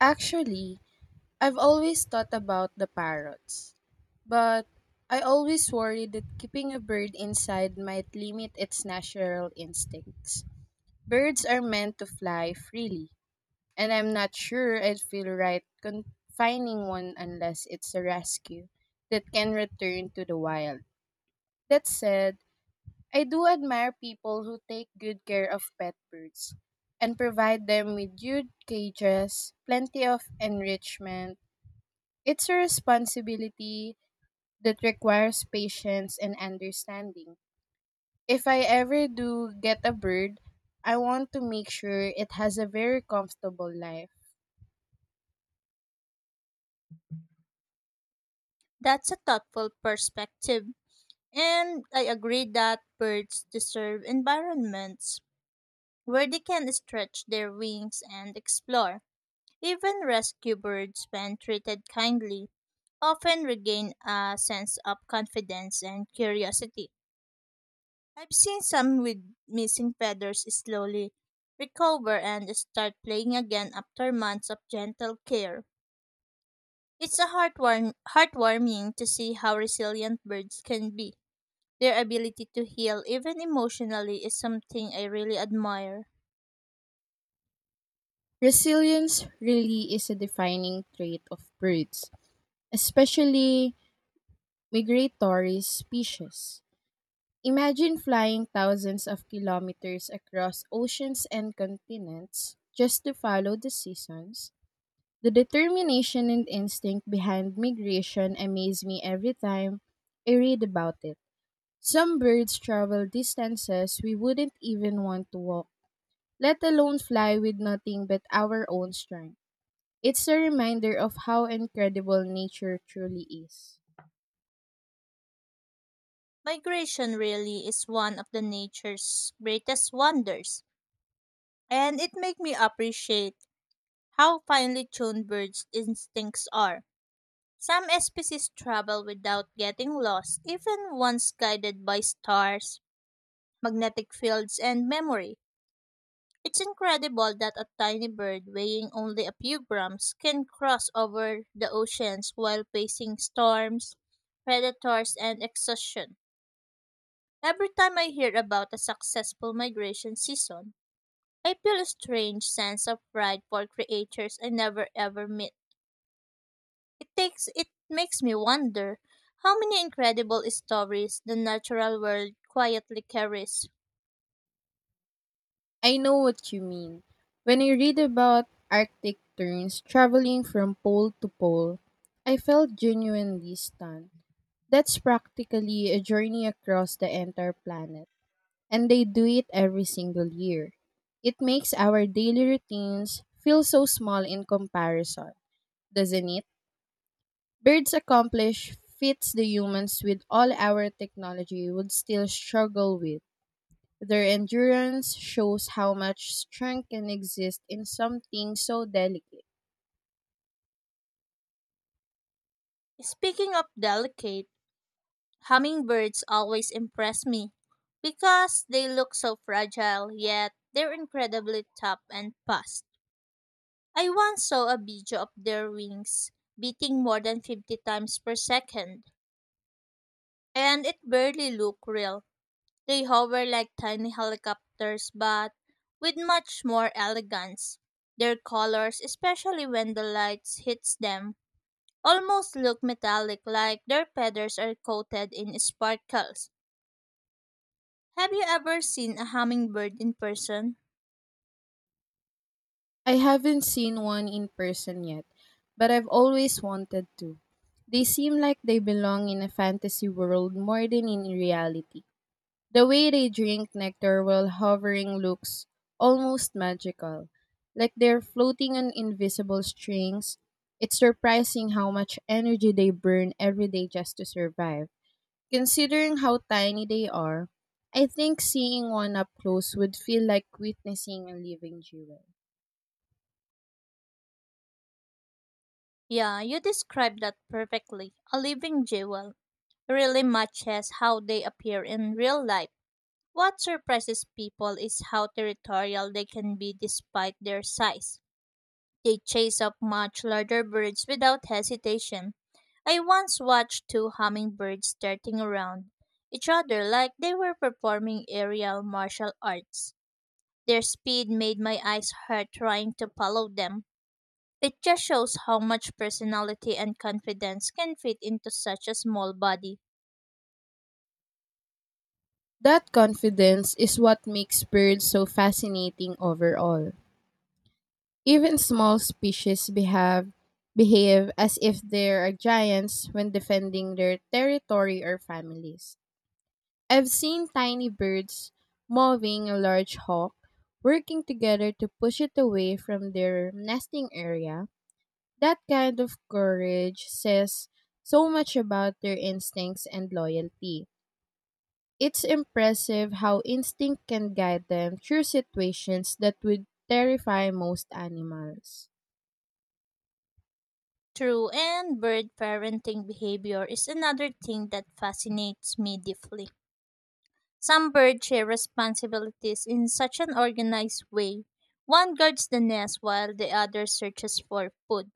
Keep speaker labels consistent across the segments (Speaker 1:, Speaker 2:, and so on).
Speaker 1: Actually, I've always thought about the parrots, but I always worry that keeping a bird inside might limit its natural instincts. Birds are meant to fly freely, and I'm not sure I'd feel right confining one unless it's a rescue that can return to the wild. That said, I do admire people who take good care of pet birds and provide them with good cages, plenty of enrichment. It's a responsibility that requires patience and understanding. If I ever do get a bird, I want to make sure it has a very comfortable life.
Speaker 2: That's a thoughtful perspective. And I agree that birds deserve environments where they can stretch their wings and explore. Even rescue birds, when treated kindly, often regain a sense of confidence and curiosity. I've seen some with missing feathers slowly recover and start playing again after months of gentle care. It's a heartwarming to see how resilient birds can be. Their ability to heal, even emotionally, is something I really admire.
Speaker 1: Resilience really is a defining trait of birds, especially migratory species. Imagine flying thousands of kilometers across oceans and continents just to follow the seasons. The determination and instinct behind migration amaze me every time I read about it. Some birds travel distances we wouldn't even want to walk, let alone fly with nothing but our own strength. It's a reminder of how incredible nature truly is.
Speaker 2: Migration really is one of the nature's greatest wonders, and it makes me appreciate how finely tuned birds' instincts are. Some species travel without getting lost, even once guided by stars, magnetic fields, and memory. It's incredible that a tiny bird weighing only a few grams can cross over the oceans while facing storms, predators, and exhaustion. Every time I hear about a successful migration season, I feel a strange sense of pride for creatures I never ever met. It makes me wonder how many incredible stories the natural world quietly carries.
Speaker 1: I know what you mean. When I read about Arctic terns traveling from pole to pole, I felt genuinely stunned. That's practically a journey across the entire planet, and they do it every single year. It makes our daily routines feel so small in comparison, doesn't it? Birds accomplish feats the humans with all our technology would still struggle with. Their endurance shows how much strength can exist in something so delicate.
Speaker 2: Speaking of delicate, hummingbirds always impress me because they look so fragile, yet they're incredibly tough and fast. I once saw a video of their wings beating more than 50 times per second, and it barely looked real. They hover like tiny helicopters, but with much more elegance. Their colors, especially when the light hits them, almost look metallic, like their feathers are coated in sparkles. Have you ever seen a hummingbird in person?
Speaker 1: I haven't seen one in person yet, but I've always wanted to. They seem like they belong in a fantasy world more than in reality. The way they drink nectar while hovering looks almost magical, like they're floating on invisible strings. It's surprising how much energy they burn every day just to survive. Considering how tiny they are, I think seeing one up close would feel like witnessing a living jewel.
Speaker 2: Yeah, you described that perfectly. A living jewel. Really matches how they appear in real life. What surprises people is how territorial they can be despite their size. They chase up much larger birds without hesitation. I once watched two hummingbirds darting around each other like they were performing aerial martial arts. Their speed made my eyes hurt trying to follow them. It just shows how much personality and confidence can fit into such a small body.
Speaker 1: That confidence is what makes birds so fascinating overall. Even small species behave as if they are giants when defending their territory or families. I've seen tiny birds moving a large hawk, working together to push it away from their nesting area. That kind of courage says so much about their instincts and loyalty. It's impressive how instinct can guide them through situations that would terrify most animals.
Speaker 2: True, and bird parenting behavior is another thing that fascinates me deeply. Some birds share responsibilities in such an organized way. One guards the nest while the other searches for food.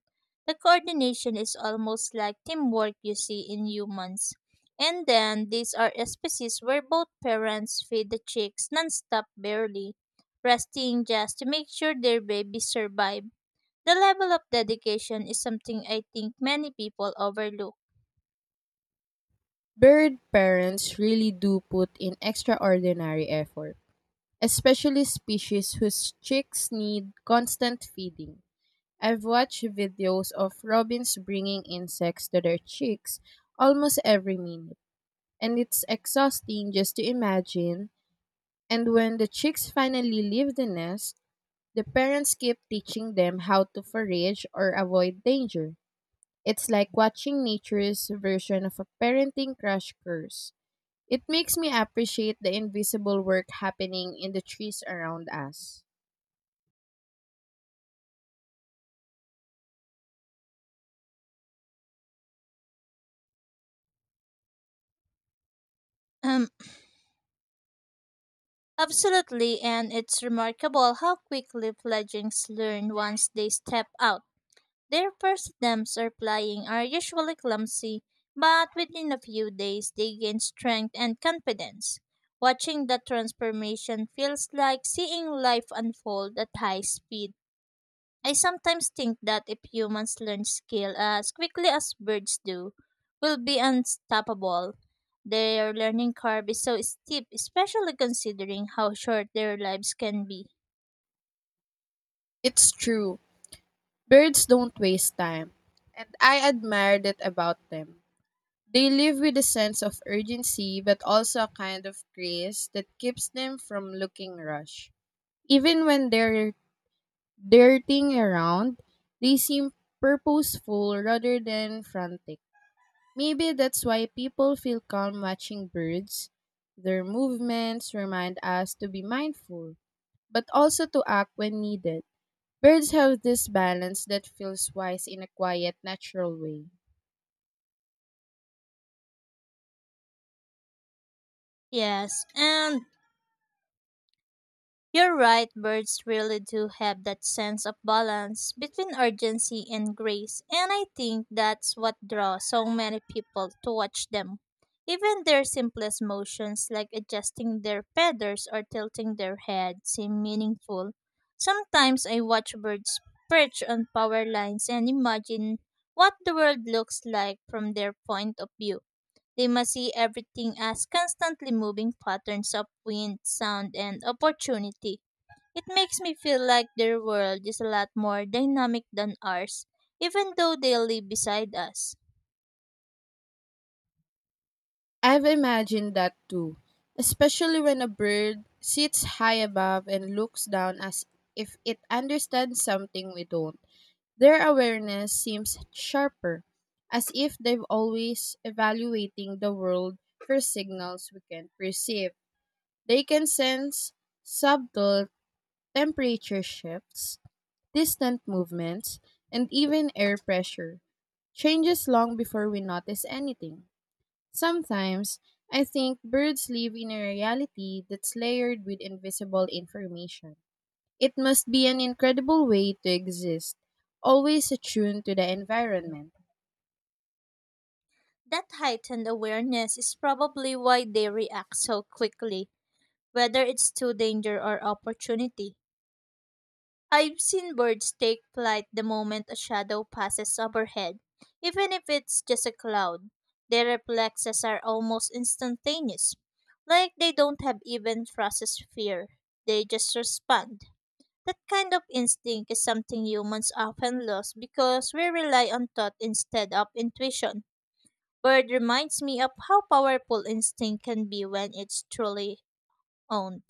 Speaker 2: The coordination is almost like teamwork you see in humans. And then these are species where both parents feed the chicks nonstop barely, resting just to make sure their babies survive. The level of dedication is something I think many people overlook.
Speaker 1: Bird parents really do put in extraordinary effort, especially species whose chicks need constant feeding. I've watched videos of robins bringing insects to their chicks almost every minute, and it's exhausting just to imagine. And when the chicks finally leave the nest, the parents keep teaching them how to forage or avoid danger. It's like watching nature's version of a parenting crash course. It makes me appreciate the invisible work happening in the trees around us.
Speaker 2: Absolutely, and it's remarkable how quickly fledglings learn once they step out. Their first attempts at flying are usually clumsy, but within a few days they gain strength and confidence. Watching that transformation feels like seeing life unfold at high speed. I sometimes think that if humans learn skill as quickly as birds do, we'll be unstoppable. Their learning curve is so steep, especially considering how short their lives can be.
Speaker 1: It's true, birds don't waste time, and I admire that about them. They live with a sense of urgency but also a kind of grace that keeps them from looking rushed. Even when they're darting around, they seem purposeful rather than frantic. Maybe that's why people feel calm watching birds. Their movements remind us to be mindful, but also to act when needed. Birds have this balance that feels wise in a quiet, natural way.
Speaker 2: Yes, and you're right, birds really do have that sense of balance between urgency and grace, and I think that's what draws so many people to watch them. Even their simplest motions, like adjusting their feathers or tilting their head, seem meaningful. Sometimes I watch birds perch on power lines and imagine what the world looks like from their point of view. They must see everything as constantly moving patterns of wind, sound, and opportunity. It makes me feel like their world is a lot more dynamic than ours, even though they live beside us.
Speaker 1: I've imagined that too, especially when a bird sits high above and looks down as if it understands something we don't. Their awareness seems sharper, as if they've always evaluating the world for signals we can perceive. They can sense subtle temperature shifts, distant movements, and even air pressure changes long before we notice anything. Sometimes, I think birds live in a reality that's layered with invisible information. It must be an incredible way to exist, always attuned to the environment.
Speaker 2: That heightened awareness is probably why they react so quickly, whether it's to danger or opportunity. I've seen birds take flight the moment a shadow passes overhead, even if it's just a cloud. Their reflexes are almost instantaneous, like they don't have even processed fear. They just respond. That kind of instinct is something humans often lose because we rely on thought instead of intuition. Bird reminds me of how powerful instinct can be when it's truly owned.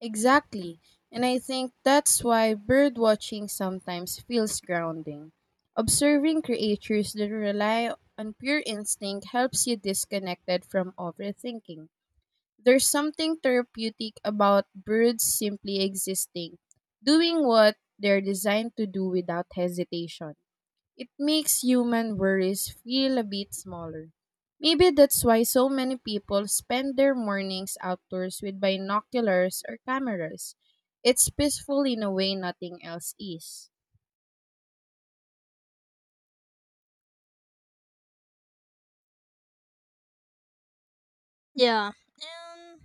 Speaker 1: Exactly. And I think that's why bird watching sometimes feels grounding. Observing creatures that rely on pure instinct helps you disconnected from overthinking. There's something therapeutic about birds simply existing, doing what they're designed to do without hesitation. It makes human worries feel a bit smaller. Maybe that's why so many people spend their mornings outdoors with binoculars or cameras. It's peaceful in a way nothing else is.
Speaker 2: Yeah. And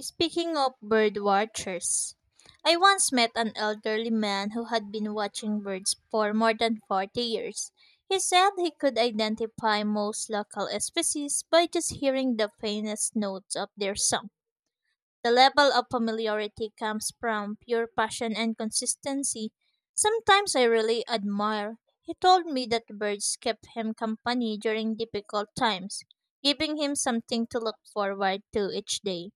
Speaker 2: speaking of bird watchers, I once met an elderly man who had been watching birds for more than 40 years. He said he could identify most local species by just hearing the faintest notes of their song. The level of familiarity comes from pure passion and consistency. Sometimes I really admire. He told me that birds kept him company during difficult times, giving him something to look forward to each day.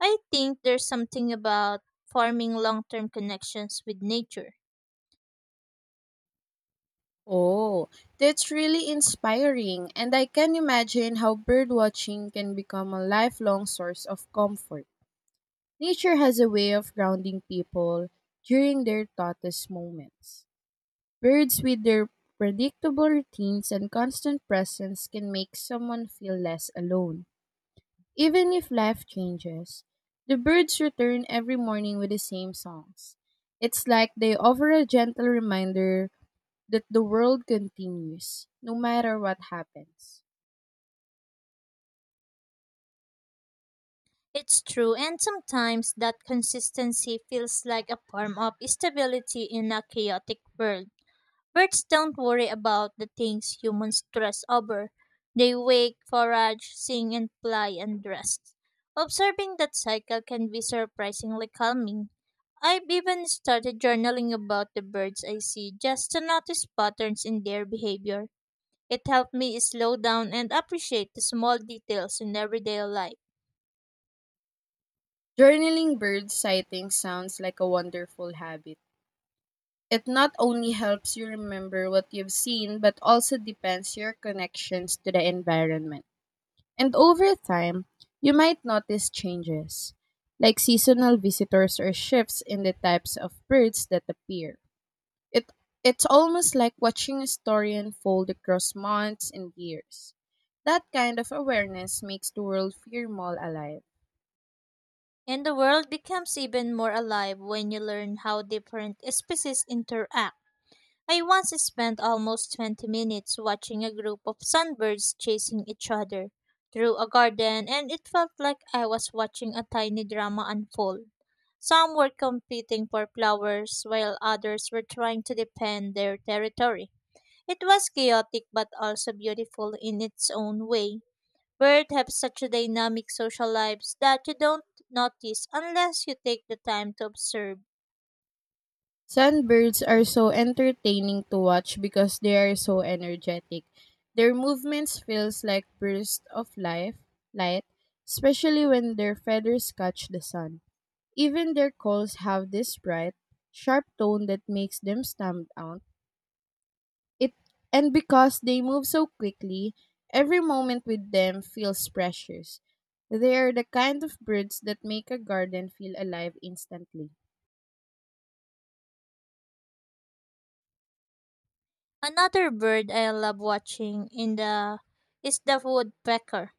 Speaker 2: I think there's something about forming long term connections with nature.
Speaker 1: Oh, that's really inspiring, and I can imagine how birdwatching can become a lifelong source of comfort. Nature has a way of grounding people during their toughest moments. Birds, with their predictable routines and constant presence, can make someone feel less alone. Even if life changes, the birds return every morning with the same songs. It's like they offer a gentle reminder that the world continues, no matter what happens.
Speaker 2: It's true, and sometimes that consistency feels like a form of stability in a chaotic world. Birds don't worry about the things humans stress over. They wake, forage, sing, and fly and rest. Observing that cycle can be surprisingly calming. I've even started journaling about the birds I see just to notice patterns in their behavior. It helped me slow down and appreciate the small details in everyday life.
Speaker 1: Journaling bird sightings sounds like a wonderful habit. It not only helps you remember what you've seen, but also deepens your connections to the environment. And over time, you might notice changes, like seasonal visitors or shifts in the types of birds that appear. It, it's almost like watching a story unfold across months and years. That kind of awareness makes the world feel more alive.
Speaker 2: And the world becomes even more alive when you learn how different species interact. I once spent almost 20 minutes watching a group of sunbirds chasing each other through a garden, and it felt like I was watching a tiny drama unfold. Some were competing for flowers, while others were trying to defend their territory. It was chaotic but also beautiful in its own way. Birds have such dynamic social lives that you don't notice unless you take the time to observe.
Speaker 1: Sunbirds are so entertaining to watch because they are so energetic. Their movements feels like bursts of life, light, especially when their feathers catch the sun. Even their calls have this bright, sharp tone that makes them stand out. It and because they move so quickly, every moment with them feels precious. They are the kind of birds that make a garden feel alive instantly.
Speaker 2: Another bird I love watching in the is the woodpecker.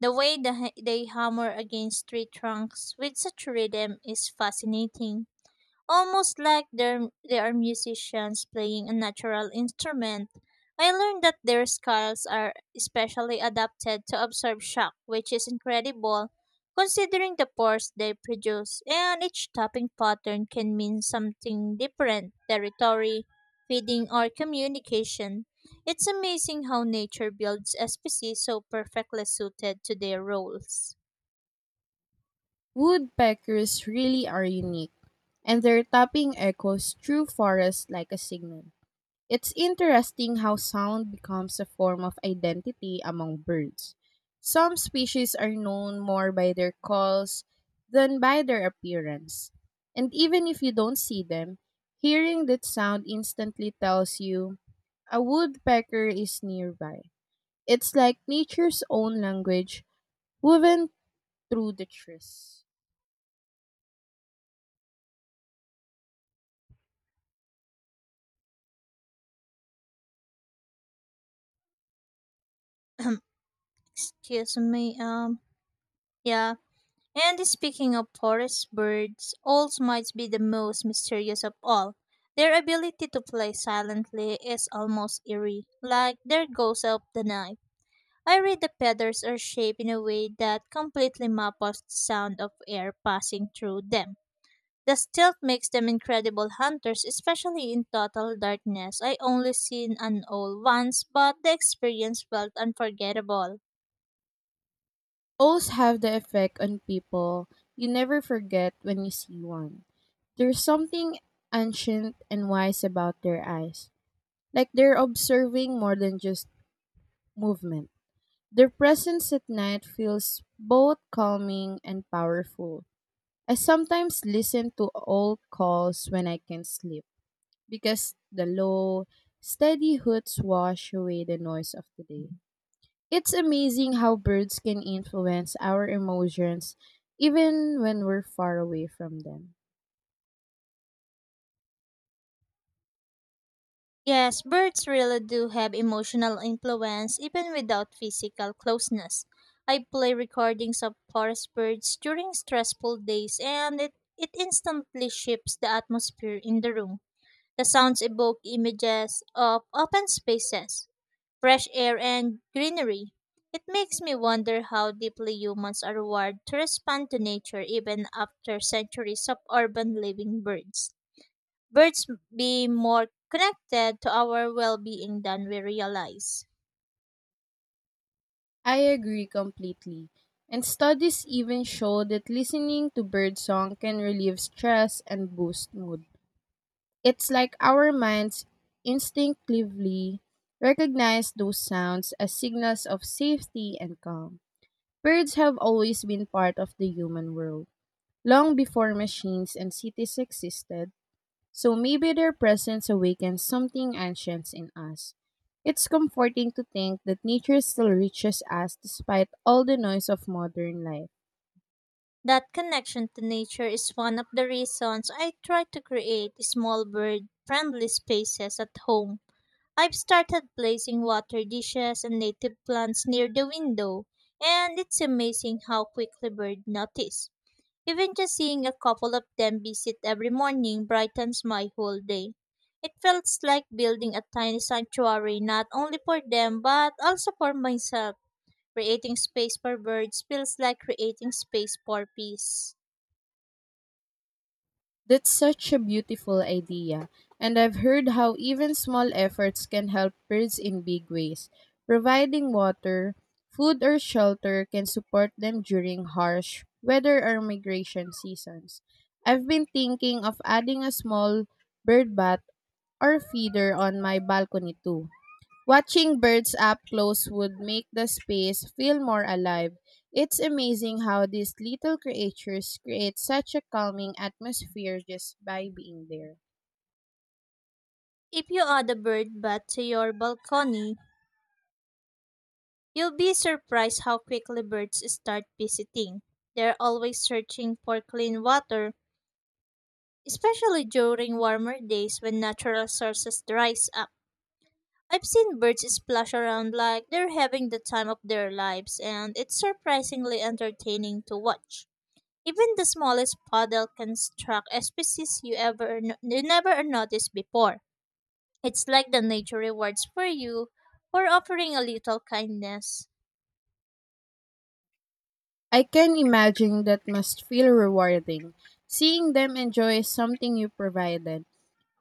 Speaker 2: The way they hammer against tree trunks with such rhythm is fascinating almost like they are musicians playing a natural instrument. I learned that their skulls are especially adapted to absorb shock, which is incredible considering the pores they produce, and each tapping pattern can mean something different territory, feeding, or communication. It's amazing how nature builds a species so perfectly suited to their roles.
Speaker 1: Woodpeckers really are unique, and their tapping echoes through forests like a signal. It's interesting how sound becomes a form of identity among birds. Some species are known more by their calls than by their appearance. And even if you don't see them, hearing that sound instantly tells you a woodpecker is nearby. It's like nature's own language woven through the trees.
Speaker 2: Excuse me, yeah. And speaking of forest birds, owls might be the most mysterious of all. Their ability to play silently is almost eerie, like their goes of the night. I read the feathers are shaped in a way that completely maps the sound of air passing through them. The stealth makes them incredible hunters, especially in total darkness. I only seen an owl once, but the experience felt unforgettable.
Speaker 1: Owls have the effect on people you never forget when you see one. There's something ancient and wise about their eyes, like they're observing more than just movement. Their presence at night feels both calming and powerful. I sometimes listen to owl calls when I can't sleep because the low, steady hoots wash away the noise of the day. It's amazing how birds can influence our emotions even when we're far away from them.
Speaker 2: Yes, birds really do have emotional influence even without physical closeness. I play recordings of forest birds during stressful days and it instantly shifts the atmosphere in the room. The sounds evoke images of open spaces, fresh air, and greenery. It makes me wonder how deeply humans are wired to respond to nature even after centuries of urban living birds be more connected to our well being than we realize.
Speaker 1: I agree completely. And studies even show that listening to birdsong can relieve stress and boost mood. It's like our minds instinctively recognize those sounds as signals of safety and calm. Birds have always been part of the human world, long before machines and cities existed. So maybe their presence awakens something ancient in us. It's comforting to think that nature still reaches us despite all the noise of modern life.
Speaker 2: That connection to nature is one of the reasons I try to create small bird friendly spaces at home. I've started placing water dishes and native plants near the window, and it's amazing how quickly birds notice. Even just seeing a couple of them visit every morning brightens my whole day. It feels like building a tiny sanctuary not only for them but also for myself. Creating space for birds feels like creating space for peace.
Speaker 1: That's such a beautiful idea, and I've heard how even small efforts can help birds in big ways. Providing water, food, or shelter can support them during harsh weather or migration seasons. I've been thinking of adding a small bird bath or feeder on my balcony too. Watching birds up close would make the space feel more alive. It's amazing how these little creatures create such a calming atmosphere just by being there.
Speaker 2: If you add a bird bath to your balcony, you'll be surprised how quickly birds start visiting. They're always searching for clean water, especially during warmer days when natural sources dries up. I've seen birds splash around like they're having the time of their lives, and it's surprisingly entertaining to watch. Even the smallest puddle can struck a species you ever you never noticed before. It's like the nature rewards for you for offering a little kindness.
Speaker 1: I can imagine that must feel rewarding, seeing them enjoy something you provided.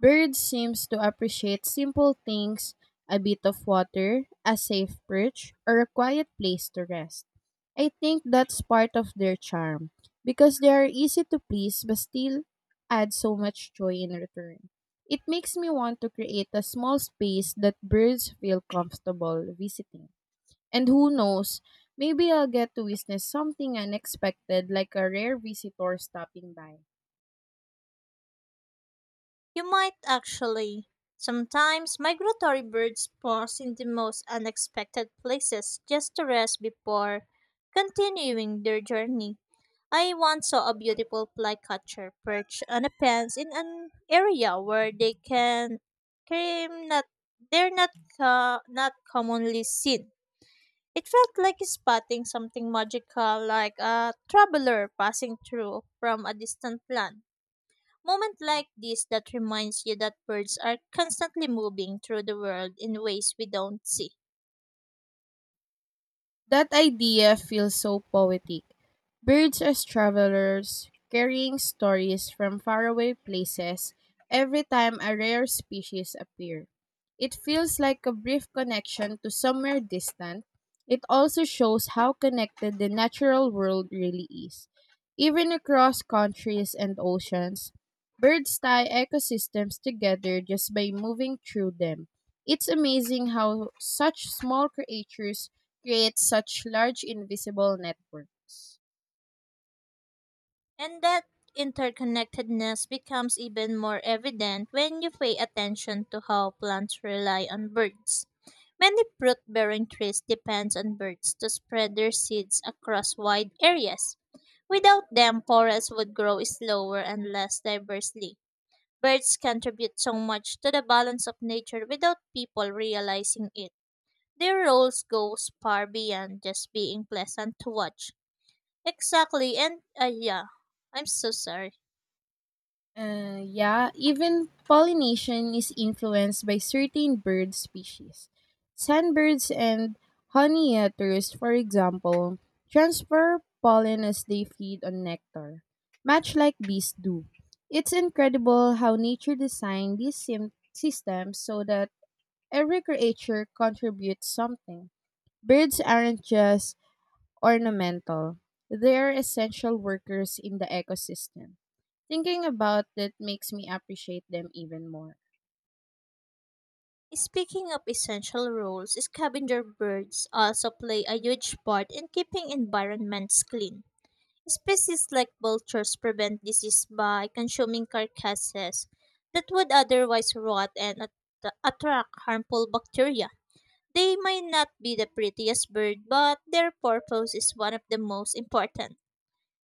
Speaker 1: Birds seems to appreciate simple things, a bit of water, a safe perch, or a quiet place to rest. I think that's part of their charm because they are easy to please but still add so much joy in return. It makes me want to create a small space that birds feel comfortable visiting. And who knows, maybe I'll get to witness something unexpected like a rare visitor stopping by.
Speaker 2: You might actually. Sometimes migratory birds pause in the most unexpected places just to rest before continuing their journey. I once saw a beautiful flycatcher perch on a fence in an area where they can came not they're not co- not commonly seen. It felt like spotting something magical, like a traveler passing through from a distant land. Moment like this that reminds you that birds are constantly moving through the world in ways we don't see.
Speaker 1: That idea feels so poetic. Birds as travelers, carrying stories from faraway places every time a rare species appear. It feels like a brief connection to somewhere distant. It also shows how connected the natural world really is. Even across countries and oceans, birds tie ecosystems together just by moving through them. It's amazing how such small creatures create such large invisible networks.
Speaker 2: And that interconnectedness becomes even more evident when you pay attention to how plants rely on birds. Many fruit bearing trees depend on birds to spread their seeds across wide areas. Without them, forests would grow slower and less diversely. Birds contribute so much to the balance of nature without people realizing it. Their roles goes far beyond just being pleasant to watch. Exactly, I'm so sorry.
Speaker 1: Yeah, even pollination is influenced by certain bird species. Sandbirds and honey eaters, for example, transfer pollen as they feed on nectar, much like bees do. It's incredible how nature designed these systems so that every creature contributes something. Birds aren't just ornamental. They're essential workers in the ecosystem. Thinking about it makes me appreciate them even more.
Speaker 2: Speaking of essential roles, scavenger birds also play a huge part in keeping environments clean. Species like vultures prevent disease by consuming carcasses that would otherwise rot and attract harmful bacteria. They may not be the prettiest bird, but their purpose is one of the most important.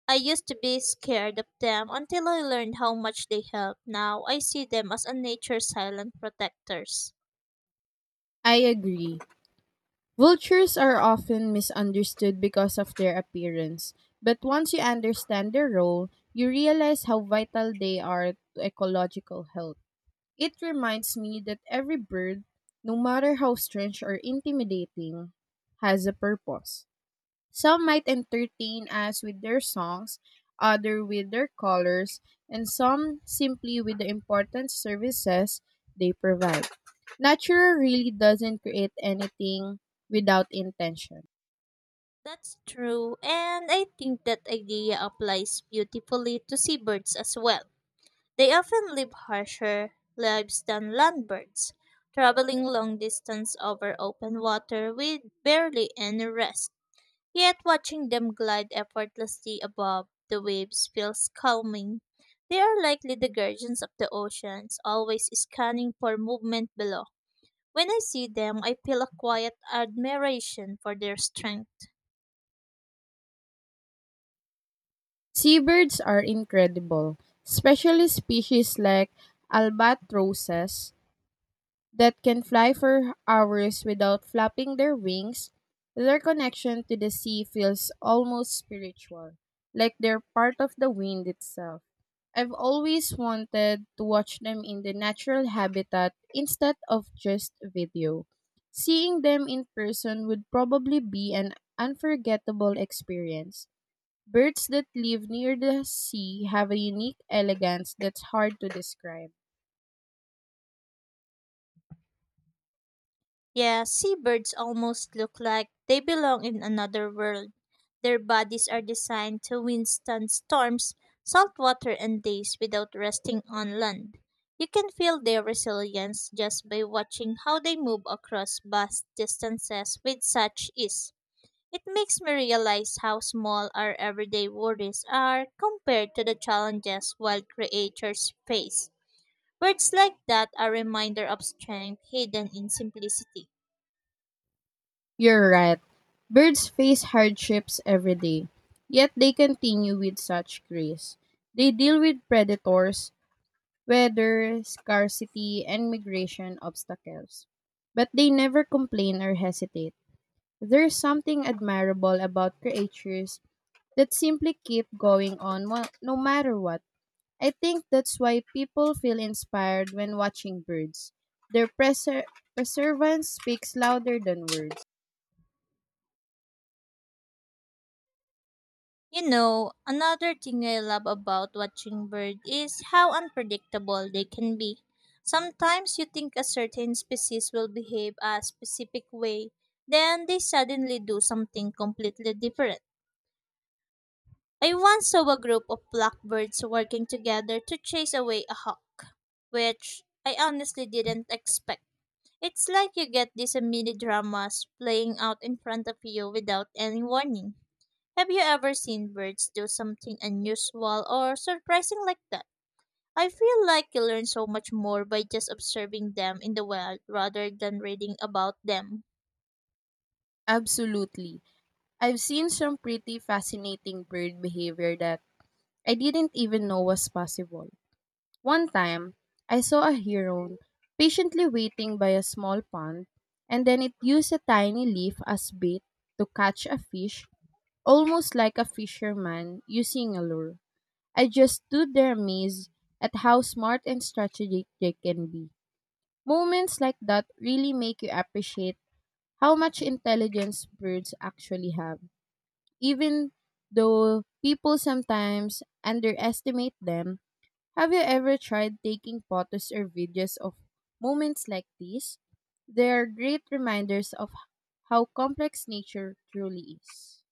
Speaker 2: I used to be scared of them until I learned how much they help. Now I see them as a nature's silent protectors.
Speaker 1: I agree. Vultures are often misunderstood because of their appearance, but once you understand their role, you realize how vital they are to ecological health. It reminds me that every bird, no matter how strange or intimidating, has a purpose. Some might entertain us with their songs, other with their colors, and some simply with the important services they provide. Nature really doesn't create anything without intention.
Speaker 2: That's true, and I think that idea applies beautifully to seabirds as well. They often live harsher lives than land birds, traveling long distance over open water with barely any rest. Yet watching them glide effortlessly above the waves feels calming. They are likely the guardians of the oceans, always scanning for movement below. When I see them, I feel a quiet admiration for their strength.
Speaker 1: Seabirds are incredible, especially species like albatrosses that can fly for hours without flapping their wings. Their connection to the sea feels almost spiritual, like they're part of the wind itself. I've always wanted to watch them in the natural habitat instead of just video. Seeing them in person would probably be an unforgettable experience. Birds that live near the sea have a unique elegance that's hard to describe.
Speaker 2: Yeah, seabirds almost look like they belong in another world. Their bodies are designed to withstand storms, salt water, and days without resting on land. You can feel their resilience just by watching how they move across vast distances with such ease. It makes me realize how small our everyday worries are compared to the challenges wild creatures face. Words like that are a reminder of strength hidden in simplicity.
Speaker 1: You're right. Birds face hardships every day, yet they continue with such grace. They deal with predators, weather, scarcity, and migration obstacles. But they never complain or hesitate. There's something admirable about creatures that simply keep going on no matter what. I think that's why people feel inspired when watching birds. Their perseverance speaks louder than words.
Speaker 2: You know, another thing I love about watching birds is how unpredictable they can be. Sometimes you think a certain species will behave a specific way, then they suddenly do something completely different. I once saw a group of blackbirds working together to chase away a hawk, which I honestly didn't expect. It's like you get these mini dramas playing out in front of you without any warning. Have you ever seen birds do something unusual or surprising like that? I feel like you learn so much more by just observing them in the wild rather than reading about them.
Speaker 1: Absolutely. I've seen some pretty fascinating bird behavior that I didn't even know was possible. One time, I saw a heron patiently waiting by a small pond, and then it used a tiny leaf as bait to catch a fish, almost like a fisherman using a lure. I just stood there amazed at how smart and strategic they can be. Moments like that really make you appreciate how much intelligence birds actually have even though people sometimes underestimate them. Have you ever tried taking photos or videos of moments like these? They are great reminders of how complex nature truly is.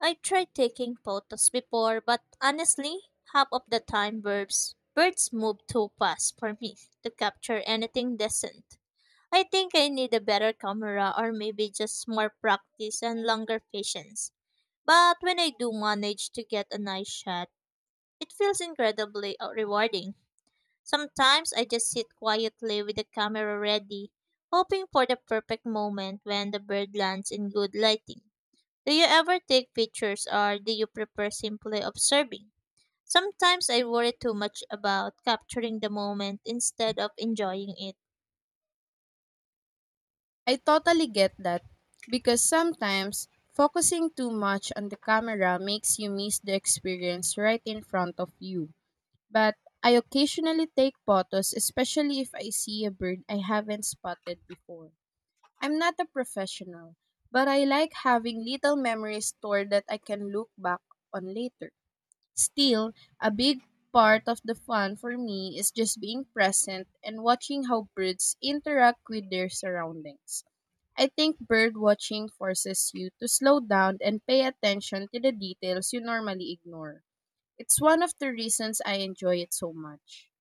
Speaker 2: I tried taking photos before, but honestly, half of the time birds move too fast for me to capture anything decent. I think I need a better camera or maybe just more practice and longer patience. But when I do manage to get a nice shot, it feels incredibly rewarding. Sometimes I just sit quietly with the camera ready, hoping for the perfect moment when the bird lands in good lighting. Do you ever take pictures or do you prefer simply observing? Sometimes I worry too much about capturing the moment instead of enjoying it.
Speaker 1: I totally get that because sometimes focusing too much on the camera makes you miss the experience right in front of you. But I occasionally take photos, especially if I see a bird I haven't spotted before. I'm not a professional, but I like having little memories stored that I can look back on later. Still, a big part of the fun for me is just being present and watching how birds interact with their surroundings. I think bird watching forces you to slow down and pay attention to the details you normally ignore. It's one of the reasons I enjoy it so much.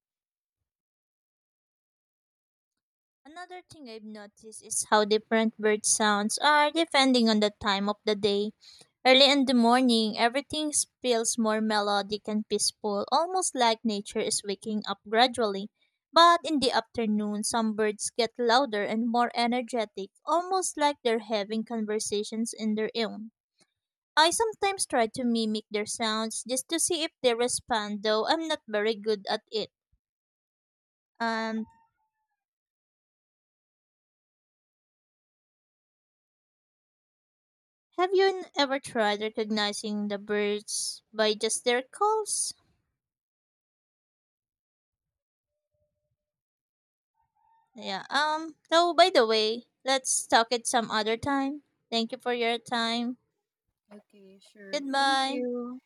Speaker 2: Another thing I've noticed is how different bird sounds are depending on the time of the day. Early in the morning, everything feels more melodic and peaceful, almost like nature is waking up gradually. But in the afternoon, some birds get louder and more energetic, almost like they're having conversations in their own. I sometimes try to mimic their sounds just to see if they respond, though I'm not very good at it. Um, have you ever tried recognizing the birds by just their calls? Yeah. So, by the way, let's talk it some other time. Thank you for your time.
Speaker 1: Okay, sure. Thank
Speaker 2: Goodbye.
Speaker 1: you.